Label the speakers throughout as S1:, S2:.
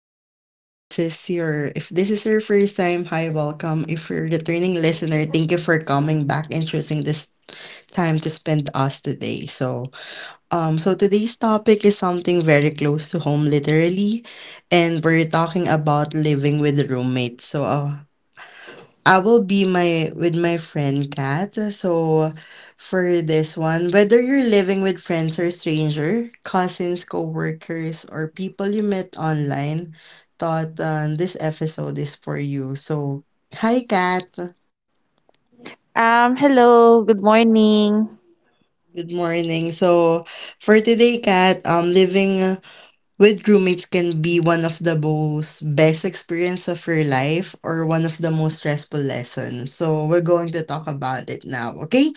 S1: podcast. This is your If this is your first time, hi, welcome. If you're a returning listener, thank you for coming back and choosing this time to spend us today. So today's topic is something very close to home literally, and we're talking about living with roommates. So I will be my with my friend Kat. So for this one, whether you're living with friends or stranger, cousins, co-workers, or people you met online, thought this episode is for you. So hi Kat.
S2: Hello, good morning.
S1: Good morning. So for today, Kat, living with roommates can be one of the most best experience of your life or one of the most stressful lessons. So we're going to talk about it now, okay?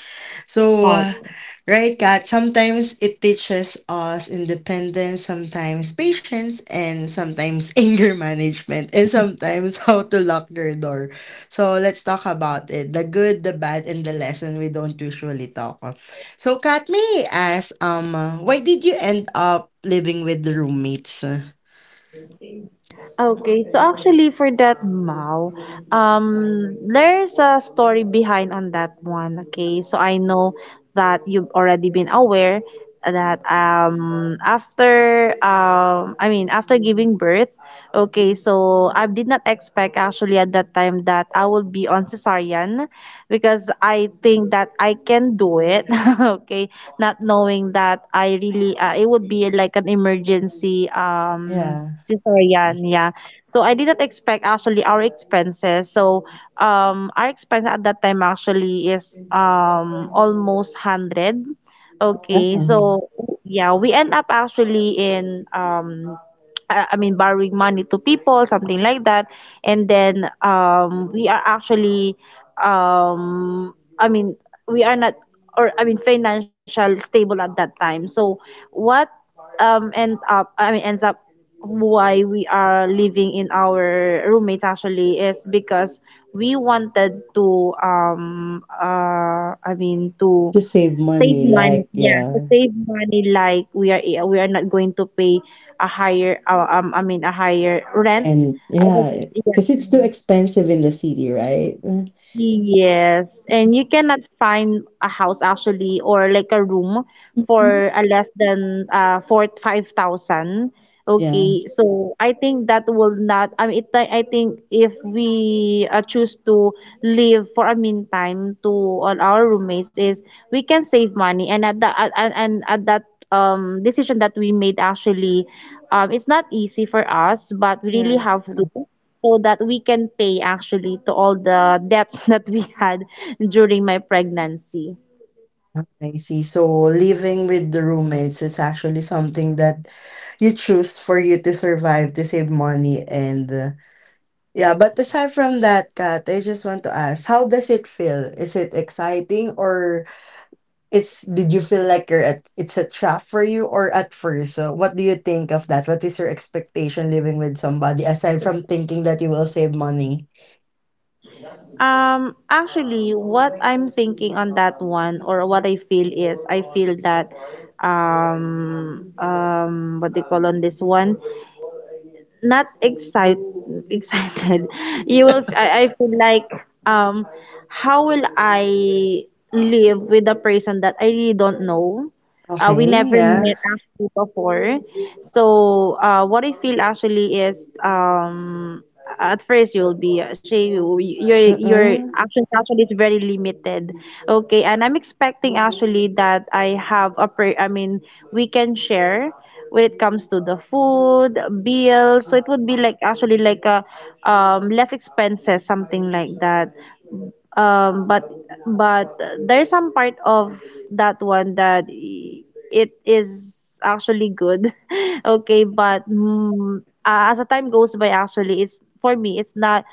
S1: So,
S2: Hi.
S1: right, Kat, sometimes it teaches us independence, sometimes patience, and sometimes anger management, and sometimes how to lock your door. So let's talk about it. The good, the bad, and the lesson we don't usually talk. So, Kat, may I ask, why did you end up living with the roommates?
S2: Okay, so actually for that Mao, there's a story behind on that one. Okay, so I know that you've already been aware that after I mean after giving birth, okay, so I did not expect actually at that time that I will be on cesarean. Because I think that I can do it. Okay, not knowing that I really it would be like an emergency
S1: Yeah.
S2: cesarean. Yeah, so I didn't expect actually our expenses. So our expense at that time actually is almost hundred. Okay,
S1: Uh,
S2: so yeah, we end up actually in borrowing money to people, something like that. And then we are actually, um i mean we are not, or I mean financial stable at that time, so what end up I mean ends up why we are living in our roommates actually is because we wanted to I mean to
S1: to save
S2: save
S1: money,
S2: money,
S1: like,
S2: yeah, to
S1: yeah.
S2: save money, like we are, yeah, we are not going to pay a higher rent.
S1: And,
S2: I was,
S1: yeah,
S2: yeah.
S1: because it's too expensive in the city, right?
S2: Yes, and you cannot find a house actually or like a room
S1: Mhm.
S2: for a less than four five thousand.
S1: Yeah.
S2: Okay, so I think that will not. I mean, I think if we choose to live for a meantime to all our roommates is we can save money, and at that decision that we made actually, it's not easy for us but we really
S1: Yeah.
S2: have to.
S1: Mm.
S2: So that we can pay actually to all the debts that we had during my pregnancy.
S1: I see. So, living with the roommates is actually something that you choose for you to survive, to save money, and yeah. But aside from that, Kat, I just want to ask, how does it feel? Is it exciting or It's did you feel like you're at it's a trap for you or at first? So what do you think of that? What is your expectation living with somebody aside from thinking that you will save money?
S2: Actually, what I'm thinking on that one or what I feel is, I feel that what they call on this one, not excite excited. You will, I feel like, um how will I live with a person that I really don't know. We
S1: Okay,
S2: never
S1: yeah.
S2: met actually before. So what I feel actually is, at first you'll be actually, your
S1: Mm.
S2: actions actually is very limited. Okay, and I'm expecting actually that, I have a per I mean we can share when it comes to the food bill. So it would be like actually like a, less expenses, something like that, um but but there's some part of that one that I- it is actually good. Okay, but as the time goes by actually, it's for me it's not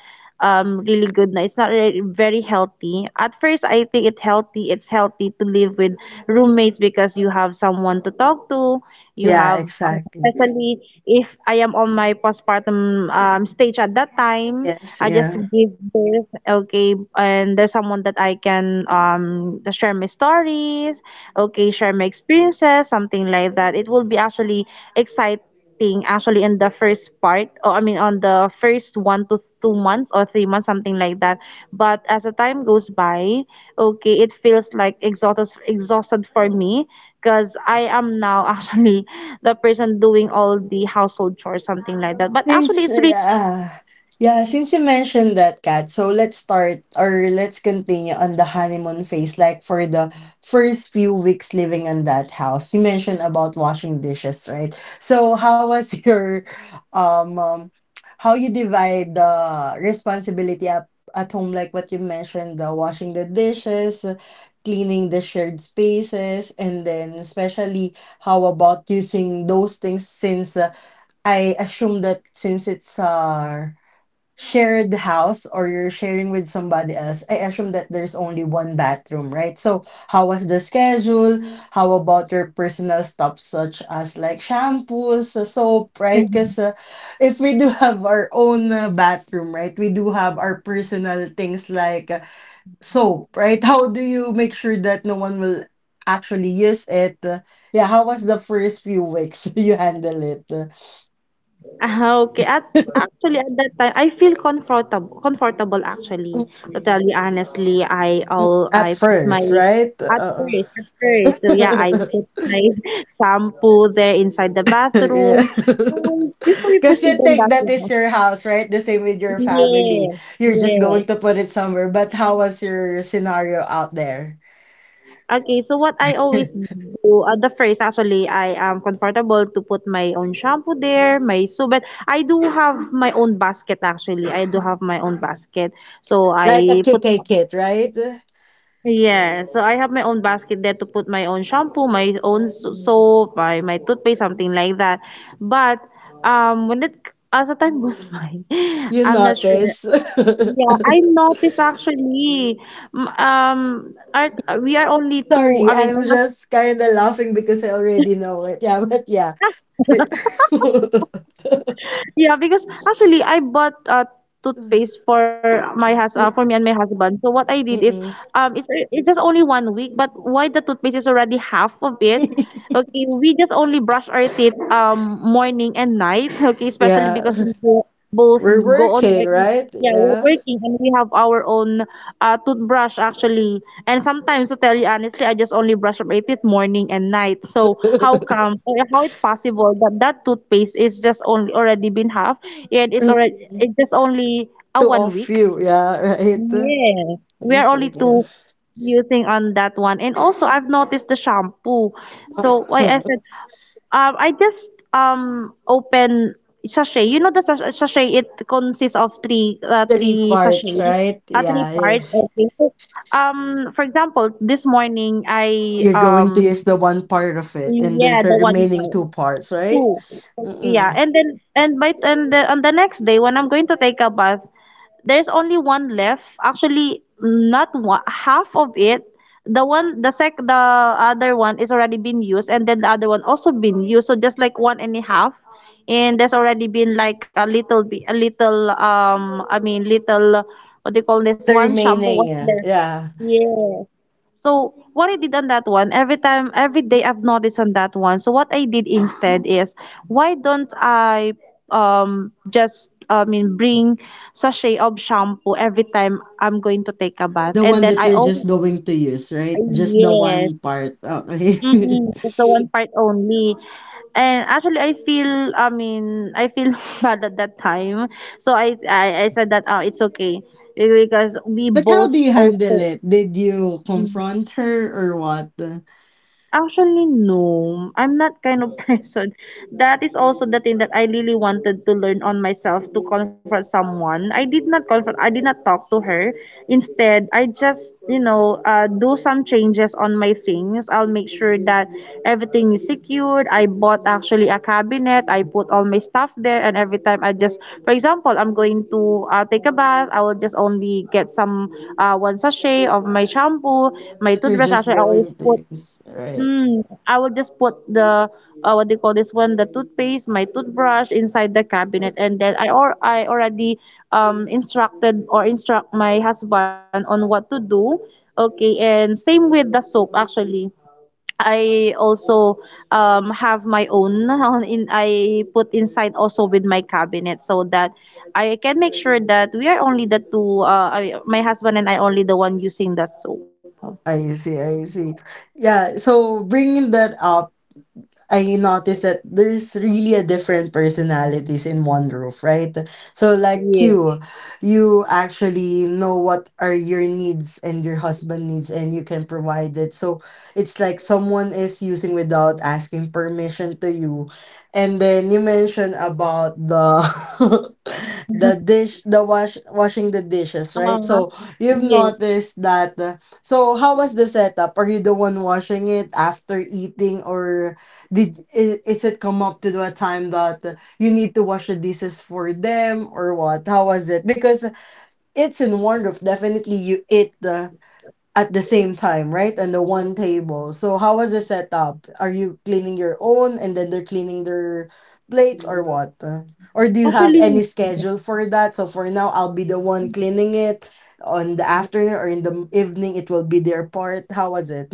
S2: really good na, it's not really very healthy. At first I think it healthy it's healthy to live with roommates because you have someone to talk to, you
S1: Yeah,
S2: have
S1: exactly.
S2: especially if I am on my postpartum stage at that time.
S1: Yes,
S2: I just
S1: yeah.
S2: give birth, okay, and there's someone that I can share my stories, okay, share my experiences, something like that. It will be actually exciting actually in the first part, or I mean on the first 1 to 2 months or 3 months, something like that. But as the time goes by, okay, it feels like exhausted for me because I am now actually the person doing all the household chores, something like that. But actually,
S1: Since,
S2: it's really...
S1: yeah, yeah, since you mentioned that, Kat, so let's start or let's continue on the honeymoon phase, like for the first few weeks living in that house. You mentioned about washing dishes, right? So how was um, um how you divide the responsibility up at home, like what you mentioned, the washing the dishes, cleaning the shared spaces, and then especially how about using those things since I assume that since it's a shared house or you're sharing with somebody else, I assume that there's only one bathroom, right? So, how was the schedule? How about your personal stuff, such as like shampoos, soap, right? Because if we do have our own bathroom, right, we do have our personal things like soap, right? How do you make sure that no one will actually use it? Yeah, how was the first few weeks you handle it?
S2: Ah, okay. At Actually at that time I feel comfortable actually. To tell you honestly, I
S1: At
S2: put my,
S1: first, right?
S2: at first at first. So yeah, I put my shampoo there inside the
S1: Yeah.
S2: bathroom. Before we
S1: Because
S2: proceed
S1: you
S2: on
S1: think
S2: that
S1: that is
S2: one,
S1: your house, right? The same with your
S2: yeah,
S1: family. You're just
S2: yeah.
S1: going to put it somewhere. But how was your scenario out there?
S2: Okay, so what I always do, the first actually, I am comfortable to put my own shampoo there, my soap, but I do have my own basket actually. I do have my own basket. So
S1: Like a
S2: I put,
S1: KK kit, right?
S2: yeah, so I have my own basket there to put my own shampoo, soap, my toothpaste, something like that. But um, when it, as the time goes by,
S1: You
S2: I'm not sure.
S1: notice.
S2: Yeah, I noticed actually, art, we are only two,
S1: Sorry,
S2: I mean,
S1: I'm just kind of laughing because I already know it. Yeah, but yeah.
S2: yeah, because actually I bought a toothpaste for me and my husband. So what I did is,
S1: Mm-mm.
S2: it's just only 1 week, but why the toothpaste is already half of it? Okay, we just only brush our teeth morning and night, okay, especially
S1: yeah,
S2: because both
S1: we're
S2: go on
S1: working,
S2: work.
S1: right?
S2: Yeah, we're
S1: Yeah.
S2: working and we have our own toothbrush actually. And sometimes, to tell you honestly, I just only brush my teeth morning and night. So how come or how it possible that that toothpaste is just only already been half, and it's already it's just only a
S1: Two
S2: one
S1: of
S2: week
S1: you, yeah, right?
S2: Yes, we are
S1: Yes,
S2: only
S1: again.
S2: two using on that one. And also, I've noticed the shampoo. So why I said, I just open sachet. You know the sachet. It consists of three uh,
S1: Three
S2: three sachet,
S1: parts, right?
S2: three
S1: Yeah, yeah.
S2: part. Okay. So, for example, this morning I
S1: You're going to use the one part of it, and
S2: yeah,
S1: there's a
S2: the one
S1: remaining
S2: part,
S1: two parts, right?
S2: two, yeah,
S1: Mm-mm.
S2: and then and by and the, on the next day when I'm going to take a bath, there's only one left actually, not one half of it. The other one is already been used, and then the other one also been used, so just like one and a half. And there's already been like a little bit a little I mean little, what do you call this
S1: The
S2: one, shampoo was
S1: remaining,
S2: there.
S1: yeah.
S2: Yes. So what I did on that one, every time, every day I've noticed on that one. So what I did instead is, why don't I just I mean bring sachet of shampoo every time I'm going to take a bath,
S1: The
S2: and
S1: one
S2: then
S1: that
S2: I
S1: you're just
S2: always...
S1: going to use, right? Just the
S2: yes,
S1: one part. Okay.
S2: mm-mm, that's the one part only. And actually, I feel bad at that time. So I said that, oh, it's okay. Because we
S1: But how
S2: both
S1: do you handle
S2: also,
S1: it? Did you
S2: mm-hmm.
S1: confront her or what?
S2: Actually, no. I'm not kind of person. That is also the thing that I really wanted to learn on myself, to comfort someone. I did not comfort. I did not talk to her. Instead, I just, do some changes on my things. I'll make sure that everything is secured. I bought actually a cabinet. I put all my stuff there, and every time I just, for example, I'm going to take a bath. I will just only get some, one sachet of my shampoo, my
S1: That you're
S2: toothbrush.
S1: just
S2: Actually, I
S1: going
S2: always
S1: to
S2: put
S1: use, right?
S2: Mm, I will just put the, what do you call this one, the toothpaste, my toothbrush inside the cabinet, and then I already instructed or instruct my husband on what to do. Okay, and same with the soap actually. I also have my own on in I put inside also with my cabinet, so that I can make sure that we are only the two, my husband and I, only the one using the soap.
S1: I see, I see. Yeah, so bringing that up I noticed that there's really a different personalities in one roof, right? So like
S2: Yeah.
S1: you actually know what are your needs and your husband needs and you can provide it. So it's like someone is using without asking permission to you. And then you mentioned about the the washing the dishes,
S2: Uh,
S1: right? So you've noticed that so how was the setup? Are you the one washing it after eating or did is it come up to a time that you need to wash the dishes for them or what? How was it? Because it's in one roof. Definitely, you eat the at the same time, right? And the one table. So how was the setup? Are you cleaning your own and then they're cleaning their plates or what? Or do you have
S2: Actually,
S1: any schedule for that? So for now, I'll be the one cleaning it on the afternoon or in the evening. It will be their part. How was it?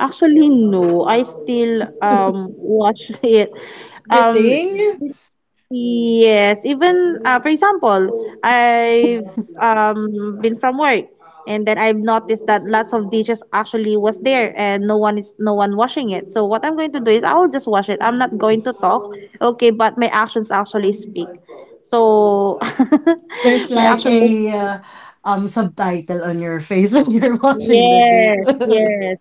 S2: actually, no. I still watch it. Um
S1: Everything.
S2: yes, even, for example, I've been from work, and then I've noticed that lots of dishes actually was there and no one washing it. So what I'm going to do is I'll just wash it. I'm not going to talk. Okay, but my actions actually speak. So
S1: There's
S2: my
S1: like
S2: actions...
S1: a subtitle on your face when you're watching the dish.
S2: Yes, yes.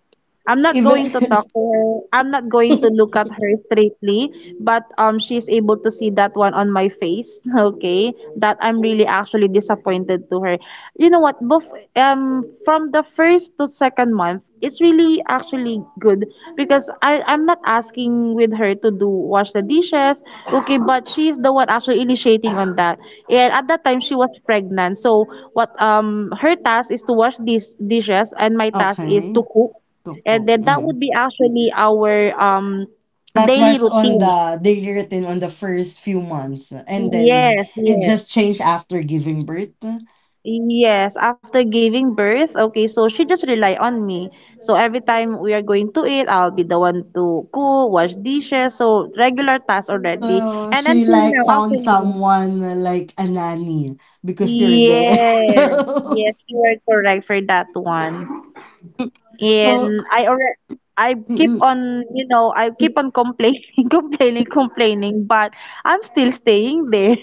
S2: I'm not
S1: Even
S2: going to talk to her. I'm not going to look at her straightly, but she's able to see that one on my face, okay? That I'm really actually disappointed to her. You know what? Both, from the first to second month, it's really actually good because I'm not asking with her to do wash the dishes, okay, but she's the one actually initiating on that. And at that time she was pregnant. So what her task is to wash these dishes and my task is to
S1: okay,
S2: cook. And
S1: cookbook.
S2: then that
S1: Mm.
S2: would be actually our
S1: That
S2: daily
S1: was on
S2: routine.
S1: the daily routine on the first few months, and then
S2: Yes,
S1: it
S2: yes.
S1: just changed after giving birth.
S2: Yes, after giving birth, okay, so she just rely on me. So every time we are going to eat, I'll be the one to cook, wash dishes, so regular tasks already.
S1: So
S2: And
S1: she
S2: until
S1: like
S2: now,
S1: found
S2: actually,
S1: someone like a nanny because you're there.
S2: yes, yes, you are correct for that one.
S1: So
S2: And I already, I keep
S1: mm,
S2: on, you know, I keep on complaining, complaining, complaining, but I'm still staying there.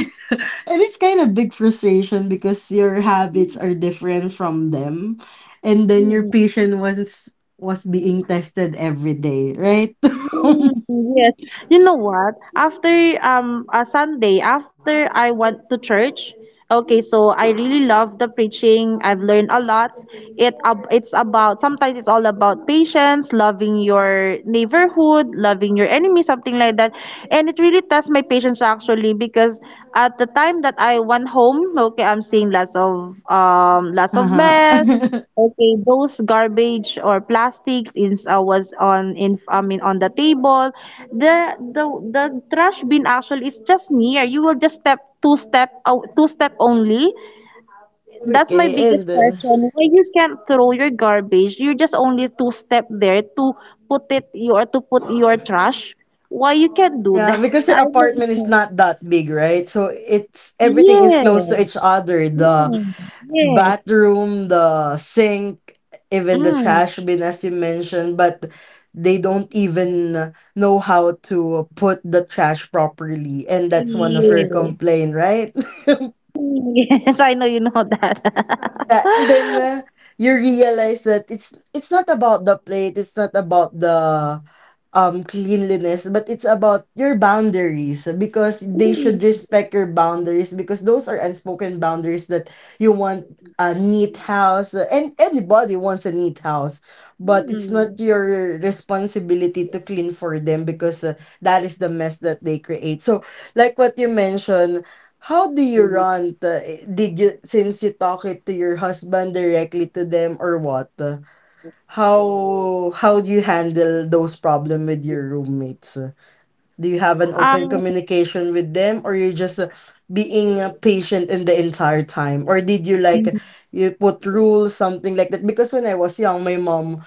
S1: and it's kind of big frustration because your habits are different from them and then your patient was was being tested every day, right?
S2: Mm, yes. You know what? After a Sunday, after I went to church, okay, so I really love the preaching. I've learned a lot. It ab it's about sometimes it's all about patience, loving your neighborhood, loving your enemy, something like that. And it really tests my patience actually because at the time that I went home, okay, I'm seeing lots of mess.
S1: Uh-huh.
S2: Okay, those garbage or plastics in was on in I mean on the table. The the the trash bin actually is just near. You will just step two step out two step only. That's my
S1: okay, and
S2: biggest
S1: then
S2: question. Why you can't throw your garbage? You just only two step there to put it your to put your trash. Why you can't do
S1: Yeah,
S2: that?
S1: because your
S2: I don't
S1: apartment is
S2: know.
S1: not that big, right? So it's everything is close
S2: Yeah.
S1: to each other. The
S2: Mm. Yes.
S1: bathroom, the sink, even the
S2: Mm.
S1: trash bin, as you mentioned, but they don't even know how to put the trash properly. And that's one of your
S2: Yes.
S1: complaint, right?
S2: Yes, I know you know that.
S1: Yeah, and then you realize that it's not about the plate, it's not about the cleanliness, but it's about your boundaries because they
S2: Mm,
S1: should respect your boundaries because those are unspoken boundaries that you want a neat house and anybody wants a neat house, but it's not
S2: mm.
S1: your responsibility to clean for them because that is the mess that they create. So, like what you mentioned how do you run the did you since you talk it to your husband directly to them or what? How how do you handle those problem with your roommates? Do you have an open
S2: Um,
S1: communication with them or you just being patient in the entire time or did you like
S2: mm.
S1: you put rules something like that because when I was young my mom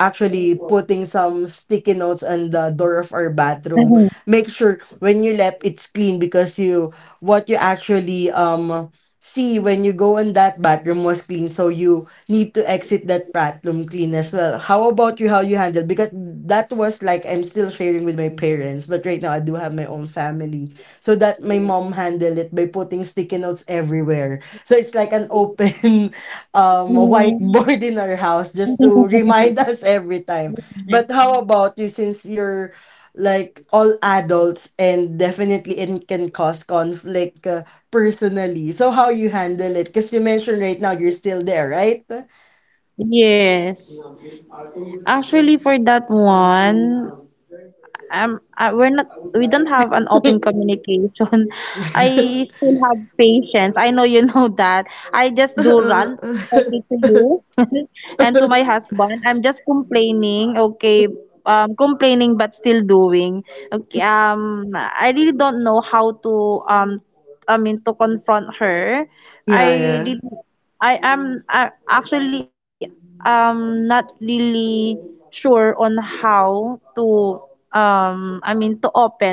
S1: actually putting some sticky notes on the door of our bathroom. Make sure when you left it's clean because you what you actually See, when you go in that bathroom was clean, so you need to exit that bathroom clean as well. How about you, how you handle? Because that was like I'm still sharing with my parents, but right now I do have my own family. So that my mom handled it by putting sticky notes everywhere. So it's like an open
S2: mm.
S1: whiteboard in our house just to remind us every time. But how about you since you're like all adults and definitely it can cause conflict personally. So how you handle it? Because you mentioned right now you're still there, right?
S2: Yes. Actually, for that one, we're not, we don't have an open communication. I still have patience. I know you know that. I just do run, okay, to you, and to my husband. I'm just complaining, okay, complaining but still doing. Okay, I really don't know how to, I mean, to confront her.
S1: yeah,
S2: I
S1: yeah.
S2: really, I actually, not really sure on how to too open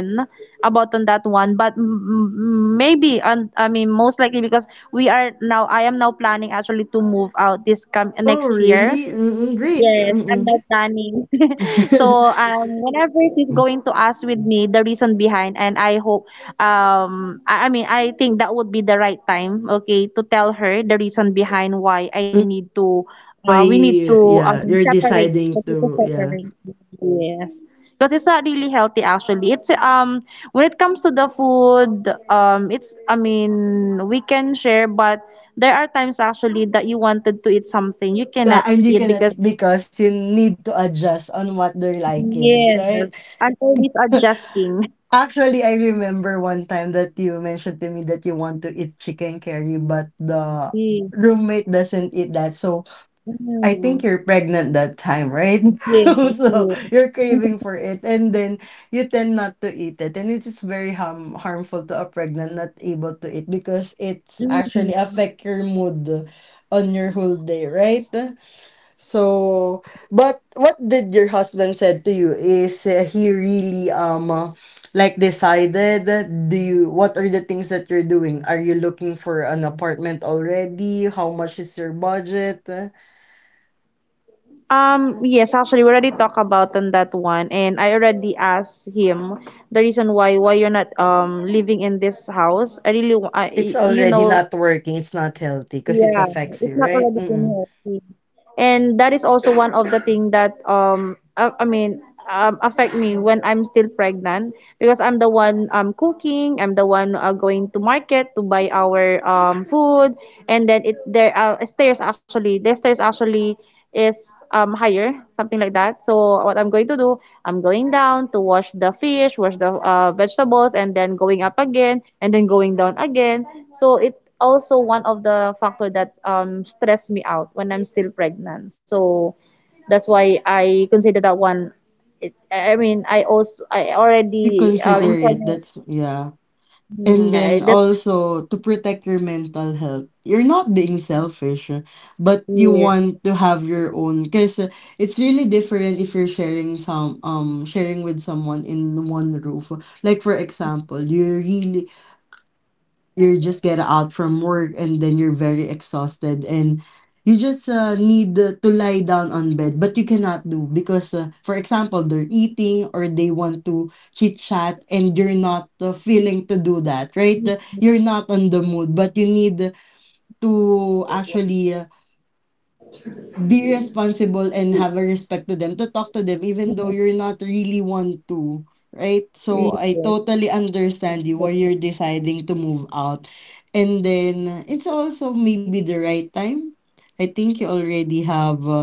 S2: about on that one. But maybe, and I mean most likely because we are now I am now planning actually to move out this come
S1: Oh,
S2: next year.
S1: really? Mm-mm, great.
S2: Yes, I'm
S1: Mm-mm.
S2: not planning. So, whenever she's going to ask with me the reason behind, and I hope, I mean, I think that would be the right time, okay, to tell her the reason behind why
S1: Mm, Why,
S2: we need to
S1: yeah, you're
S2: separate,
S1: deciding
S2: okay, to
S1: to, yeah.
S2: separate. Yes, because it's not really healthy actually. It's when it comes to the food, it's I mean we can share, but there are times actually that you wanted to eat something you
S1: Yeah,
S2: cannot
S1: and you
S2: eat,
S1: cannot
S2: because
S1: because you need to adjust on what they're likings,
S2: yes,
S1: right?
S2: I'm always adjusting.
S1: Actually, I remember one time that you mentioned to me that you want to eat chicken curry, but the
S2: Mm.
S1: roommate doesn't eat that. So I think
S2: Mm.
S1: you're pregnant that time, right?
S2: Yes,
S1: So
S2: yes.
S1: you're craving for it, and then you tend not to eat it, and it is very harmful to a pregnant not able to eat because it's
S2: Mm.
S1: actually affect your mood on your whole day, right? So, but what did your husband said to you? Is he really like decided? Do you what are the things that you're doing? Are you looking for an apartment already? How much is your budget?
S2: Yes, actually, we already talked about on that one, and I already asked him the reason why you're not living in this house. I really, wa- I,
S1: It's
S2: you
S1: already
S2: know,
S1: not working, it's not healthy because it
S2: yeah,
S1: affects
S2: it's
S1: you,
S2: not
S1: right?
S2: already been
S1: Mm.
S2: healthy. And that is also one of the thing that I mean affect me when I'm still pregnant, because I'm the one cooking, I'm the one going to market to buy our food. And then it there are stairs actually. The stairs actually is higher, something like that. So what I'm going to do, I'm going down to wash the fish, wash the vegetables, and then going up again and then going down again. So it also one of the factor that stressed me out when I'm still pregnant. So that's why I consider that one. I mean, I
S1: You
S2: already in
S1: consider it,
S2: pregnant.
S1: that's yeah. And
S2: Mm, I-
S1: then
S2: that's
S1: also to protect your mental health, you're not being selfish, but you
S2: yeah,
S1: want to have your own because it's really different if you're sharing some sharing with someone in one roof. Like for example, you really you just get out from work and then you're very exhausted and you just need to lie down on bed but you cannot do because for example they're eating or they want to chit chat and you're not feeling to do that right.
S2: yes,
S1: You're not on the mood but you need to actually be responsible and have a respect to them to talk to them even though you're not really want to right so I
S2: yes.
S1: totally understand you why you're deciding to move out and then it's also maybe the right time I think you already have uh,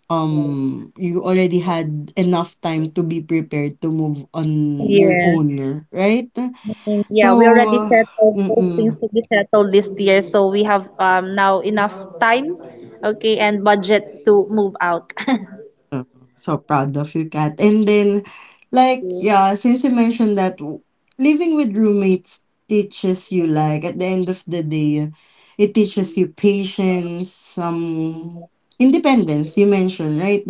S1: um you already had enough time to be prepared to move on your
S2: Yes.
S1: own right
S2: I think, yeah, we already
S1: so
S2: settled those
S1: mm-mm.
S2: things to be settled this year, so we have now enough time, okay, and budget to move out.
S1: So proud of you, Kat. And then, like,
S2: Yeah.
S1: yeah, since you mentioned that living with roommates teaches you, like, at the end of the day, it teaches you patience, some independence, you mentioned, right?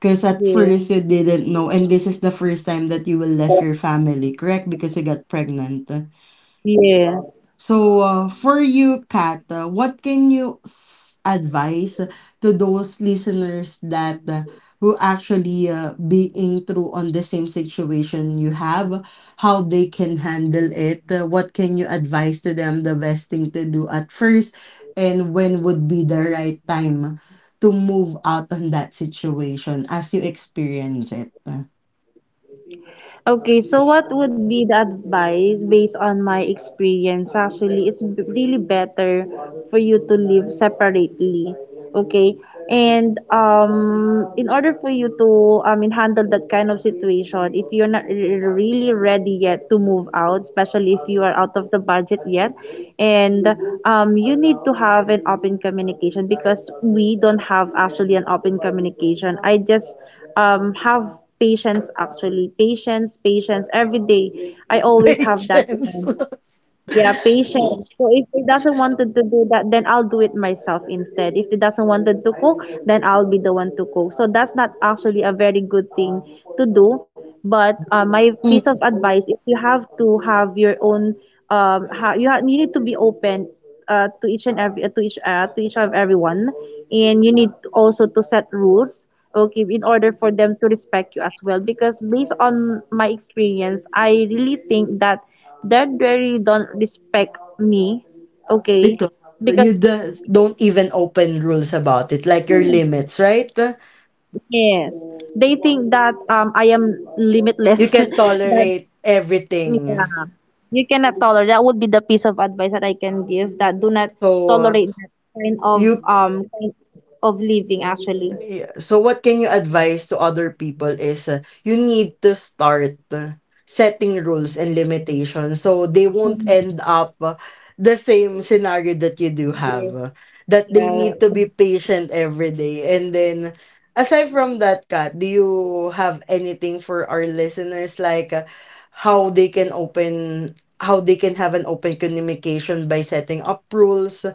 S1: Because at
S2: Yeah.
S1: first you didn't know, and this is the first time that you will left your family, correct? Because you got pregnant.
S2: Yeah.
S1: So, for you, Kat, what can you advise to those listeners that who actually being through on the same situation you have, how they can handle it? What can you advise to them the best thing to do at first, and when would be the right time to move out on that situation as you experience it?
S2: Okay, so what would be the advice based on my experience? Actually, it's b- really better for you to live separately. Okay, and in order for you to I mean handle that kind of situation, if you're not r- really ready yet to move out, especially if you are out of the budget yet, and you need to have an open communication, because we don't have actually an open communication. I just have patience, actually. Patience every day, I always have that.
S1: Patience.
S2: Yeah, patience. So if he doesn't wanted to do that, then I'll do it myself instead. If he doesn't wanted to cook, then I'll be the one to cook. So that's not actually a very good thing to do. But my piece of advice, if you have to have your own, you you need to be open to each and every to each of everyone, and you need to also to set rules. Okay, in order for them to respect you as well, because based on my experience, I really think that. That really don't respect me, okay?
S1: Because
S2: Because
S1: you just don't even open rules about it, like your limits, right?
S2: yes, they think that I am
S1: You
S2: limitless.
S1: can
S2: that
S1: tolerate everything.
S2: yeah, you cannot tolerate. That would be the piece of advice that I can give. That do not
S1: So
S2: tolerate that kind of
S1: you
S2: um kind living actually.
S1: Yeah. So what can you advise to other people is you need to start setting rules and limitations so they won't end up the same scenario that you do have. That they
S2: Yeah.
S1: need to be patient every day. And then aside from that, Kat, do you have anything for our listeners like how they can open how they can have an open communication by setting up rules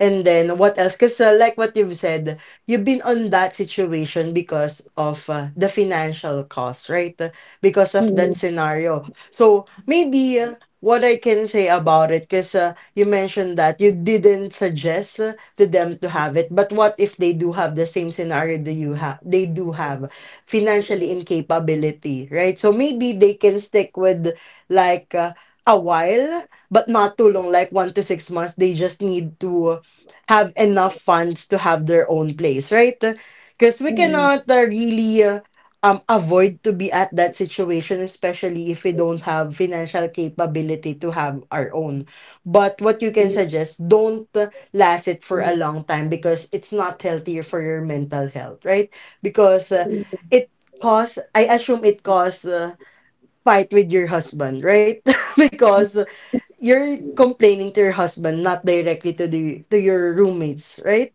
S1: and then what else? Because like what you've said, you've been on that situation because of the financial cost, right? Because of that scenario. So maybe what I can say about it, because you mentioned that you didn't suggest to them to have it, but what if they do have the same scenario that you have? They do have financially incapability, right? So maybe they can stick with like a while, but not too long, like 1 to 6 months. They just need to have enough funds to have their own place, right? Because we cannot really avoid to be at that situation, especially if we don't have financial capability to have our own. But what you can suggest, don't last it for a long time because it's not healthier for your mental health, right? Because it costs. I assume it costs fight with your husband, right? Because you're complaining to your husband, not directly to the to your roommates, right?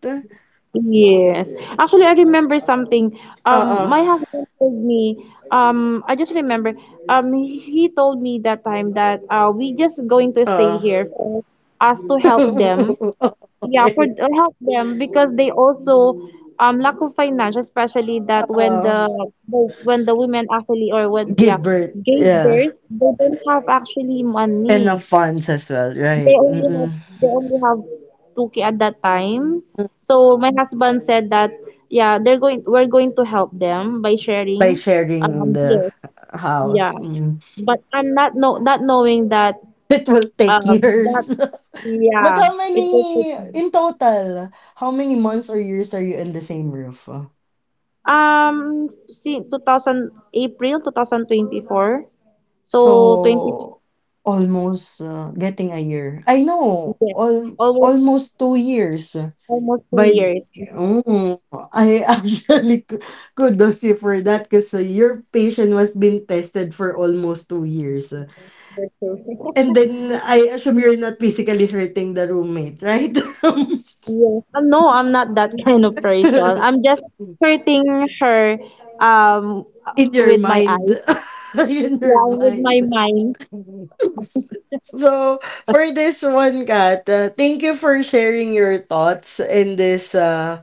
S2: Yes. Actually, I remember something.
S1: Uh-uh.
S2: My husband told me, I just remember, he told me that time that we just going to stay
S1: Uh.
S2: here for us to help them. Yeah, for
S1: Okay.
S2: help them because they also lack of finance, especially that
S1: Uh-uh.
S2: the when the women actually, or when yeah
S1: Give birth.
S2: gave
S1: Yeah.
S2: birth, they don't have actually money.
S1: Enough funds as well,
S2: They
S1: right?
S2: only have
S1: Mm-mm.
S2: they only have two k at that time. So my husband said that yeah, they're going we're going to help them by
S1: By
S2: sharing,
S1: sharing the
S2: yes, yeah.
S1: house. Mm.
S2: But I'm not knowing that
S1: It will take
S2: um that
S1: years. But
S2: yeah,
S1: how
S2: it will take
S1: many in total? How many months or years are you in the same roof?
S2: since 2000 April 2024. So 20,
S1: So, almost, getting a year. I know
S2: yeah,
S1: al
S2: almost
S1: almost 2 years
S2: almost two
S1: by
S2: years.
S1: mm, I actually ku kudos you for that because your patient was being tested for almost 2 years. And then I assume you're not physically hurting the roommate, right?
S2: No, I'm not that kind of person. I'm just hurting her um
S1: In your
S2: with my
S1: mind.
S2: eyes.
S1: In your
S2: Yeah, with my
S1: mind.
S2: mind.
S1: So for this one, Kat, thank you for sharing your thoughts in this.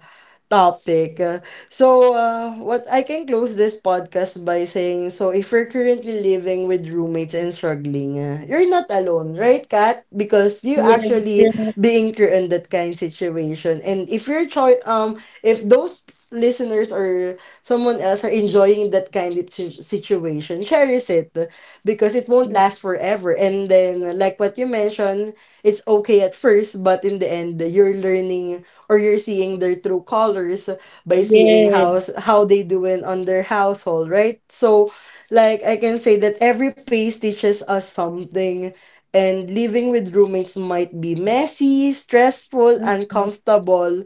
S1: Topic. What I can close this podcast by saying, so if you're currently living with roommates and struggling, you're not alone, right, Kat? Because you
S2: Yes,
S1: actually
S2: yes,
S1: being through in that kind situation, and if you're if those listeners or someone else are enjoying that kind of situation, cherish it because it won't last forever. And then, like what you mentioned, it's okay at first, but in the end, you're learning or you're seeing their true colors by seeing how
S2: yes.
S1: how they doing on their household, right? So like I can say that every phase teaches us something and living with roommates might be messy, stressful,
S2: Mhm.
S1: uncomfortable,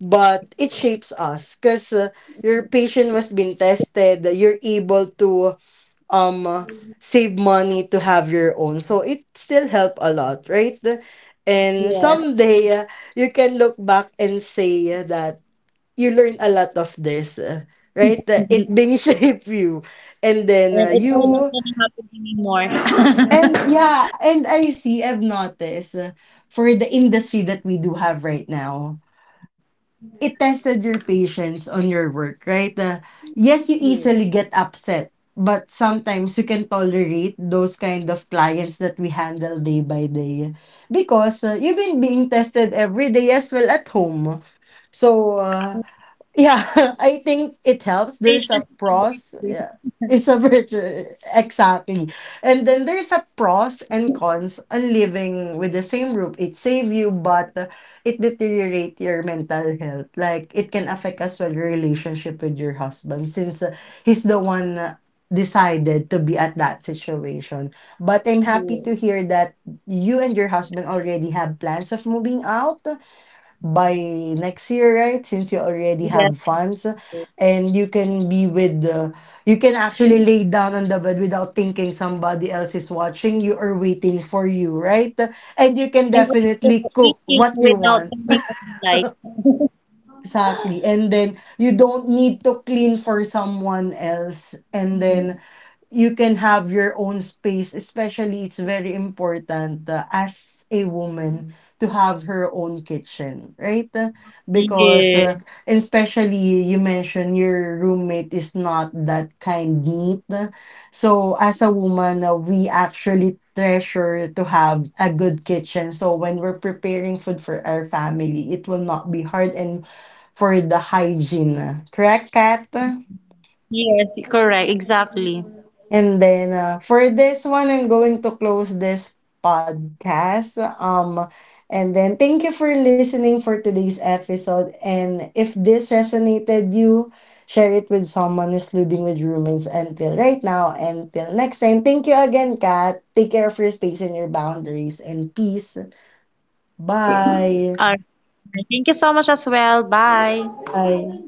S1: but it shapes us because your patience was being tested. You're able to um save money to have your own, so it still help a lot, right? And
S2: Yes.
S1: someday you can look back and say that you learn a lot of this, right. It being shape you. and then
S2: And
S1: uh,
S2: it will not
S1: you
S2: gonna happen
S1: and
S2: anymore.
S1: yeah, and I see I've noticed for the industry that we do have right now, it tested your patience on your work, right? Yes, you
S2: Yes.
S1: easily get upset, but sometimes you can tolerate those kind of clients that we handle day by day because you've been being tested every day as well at home. So, yeah, I think it helps. There's a
S2: Patiently.
S1: pros. Yeah. It's a virtue. Exactly. And then there's a pros and cons on living with the same roof. It save you, but it deteriorate your mental health. Like it can affect as well your relationship with your husband since he's the one decided to be at that situation. But I'm happy to hear that you and your husband already have plans of moving out by next year, right? Since you already
S2: Yes.
S1: have funds and you can be with the, you can actually lay down on the bed without thinking somebody else is watching you or waiting for you, right? And you can
S2: And also
S1: definitely cook
S2: eating
S1: what you
S2: without
S1: want.
S2: turning off the light.
S1: Exactly. And then you don't need to clean for someone else. And then you can have your own space, especially it's very important as a woman, to have her own kitchen, right? Because
S2: Yes.
S1: Especially you mentioned your roommate is not that kind neat. So as a woman, we actually treasure to have a good kitchen, so when we're preparing food for our family it will not be hard, and for the hygiene, correct, Kat?
S2: Yes, correct. Exactly.
S1: And then, for this one, I'm going to close this podcast. And then thank you for listening for today's episode. And if this resonated you, share it with someone who's living with roommates until right now. Until next time, thank you again, Kat. Take care of your space and your boundaries. And peace.
S2: All right.
S1: Bye.
S2: Thank you so much as well. Bye.
S1: Bye.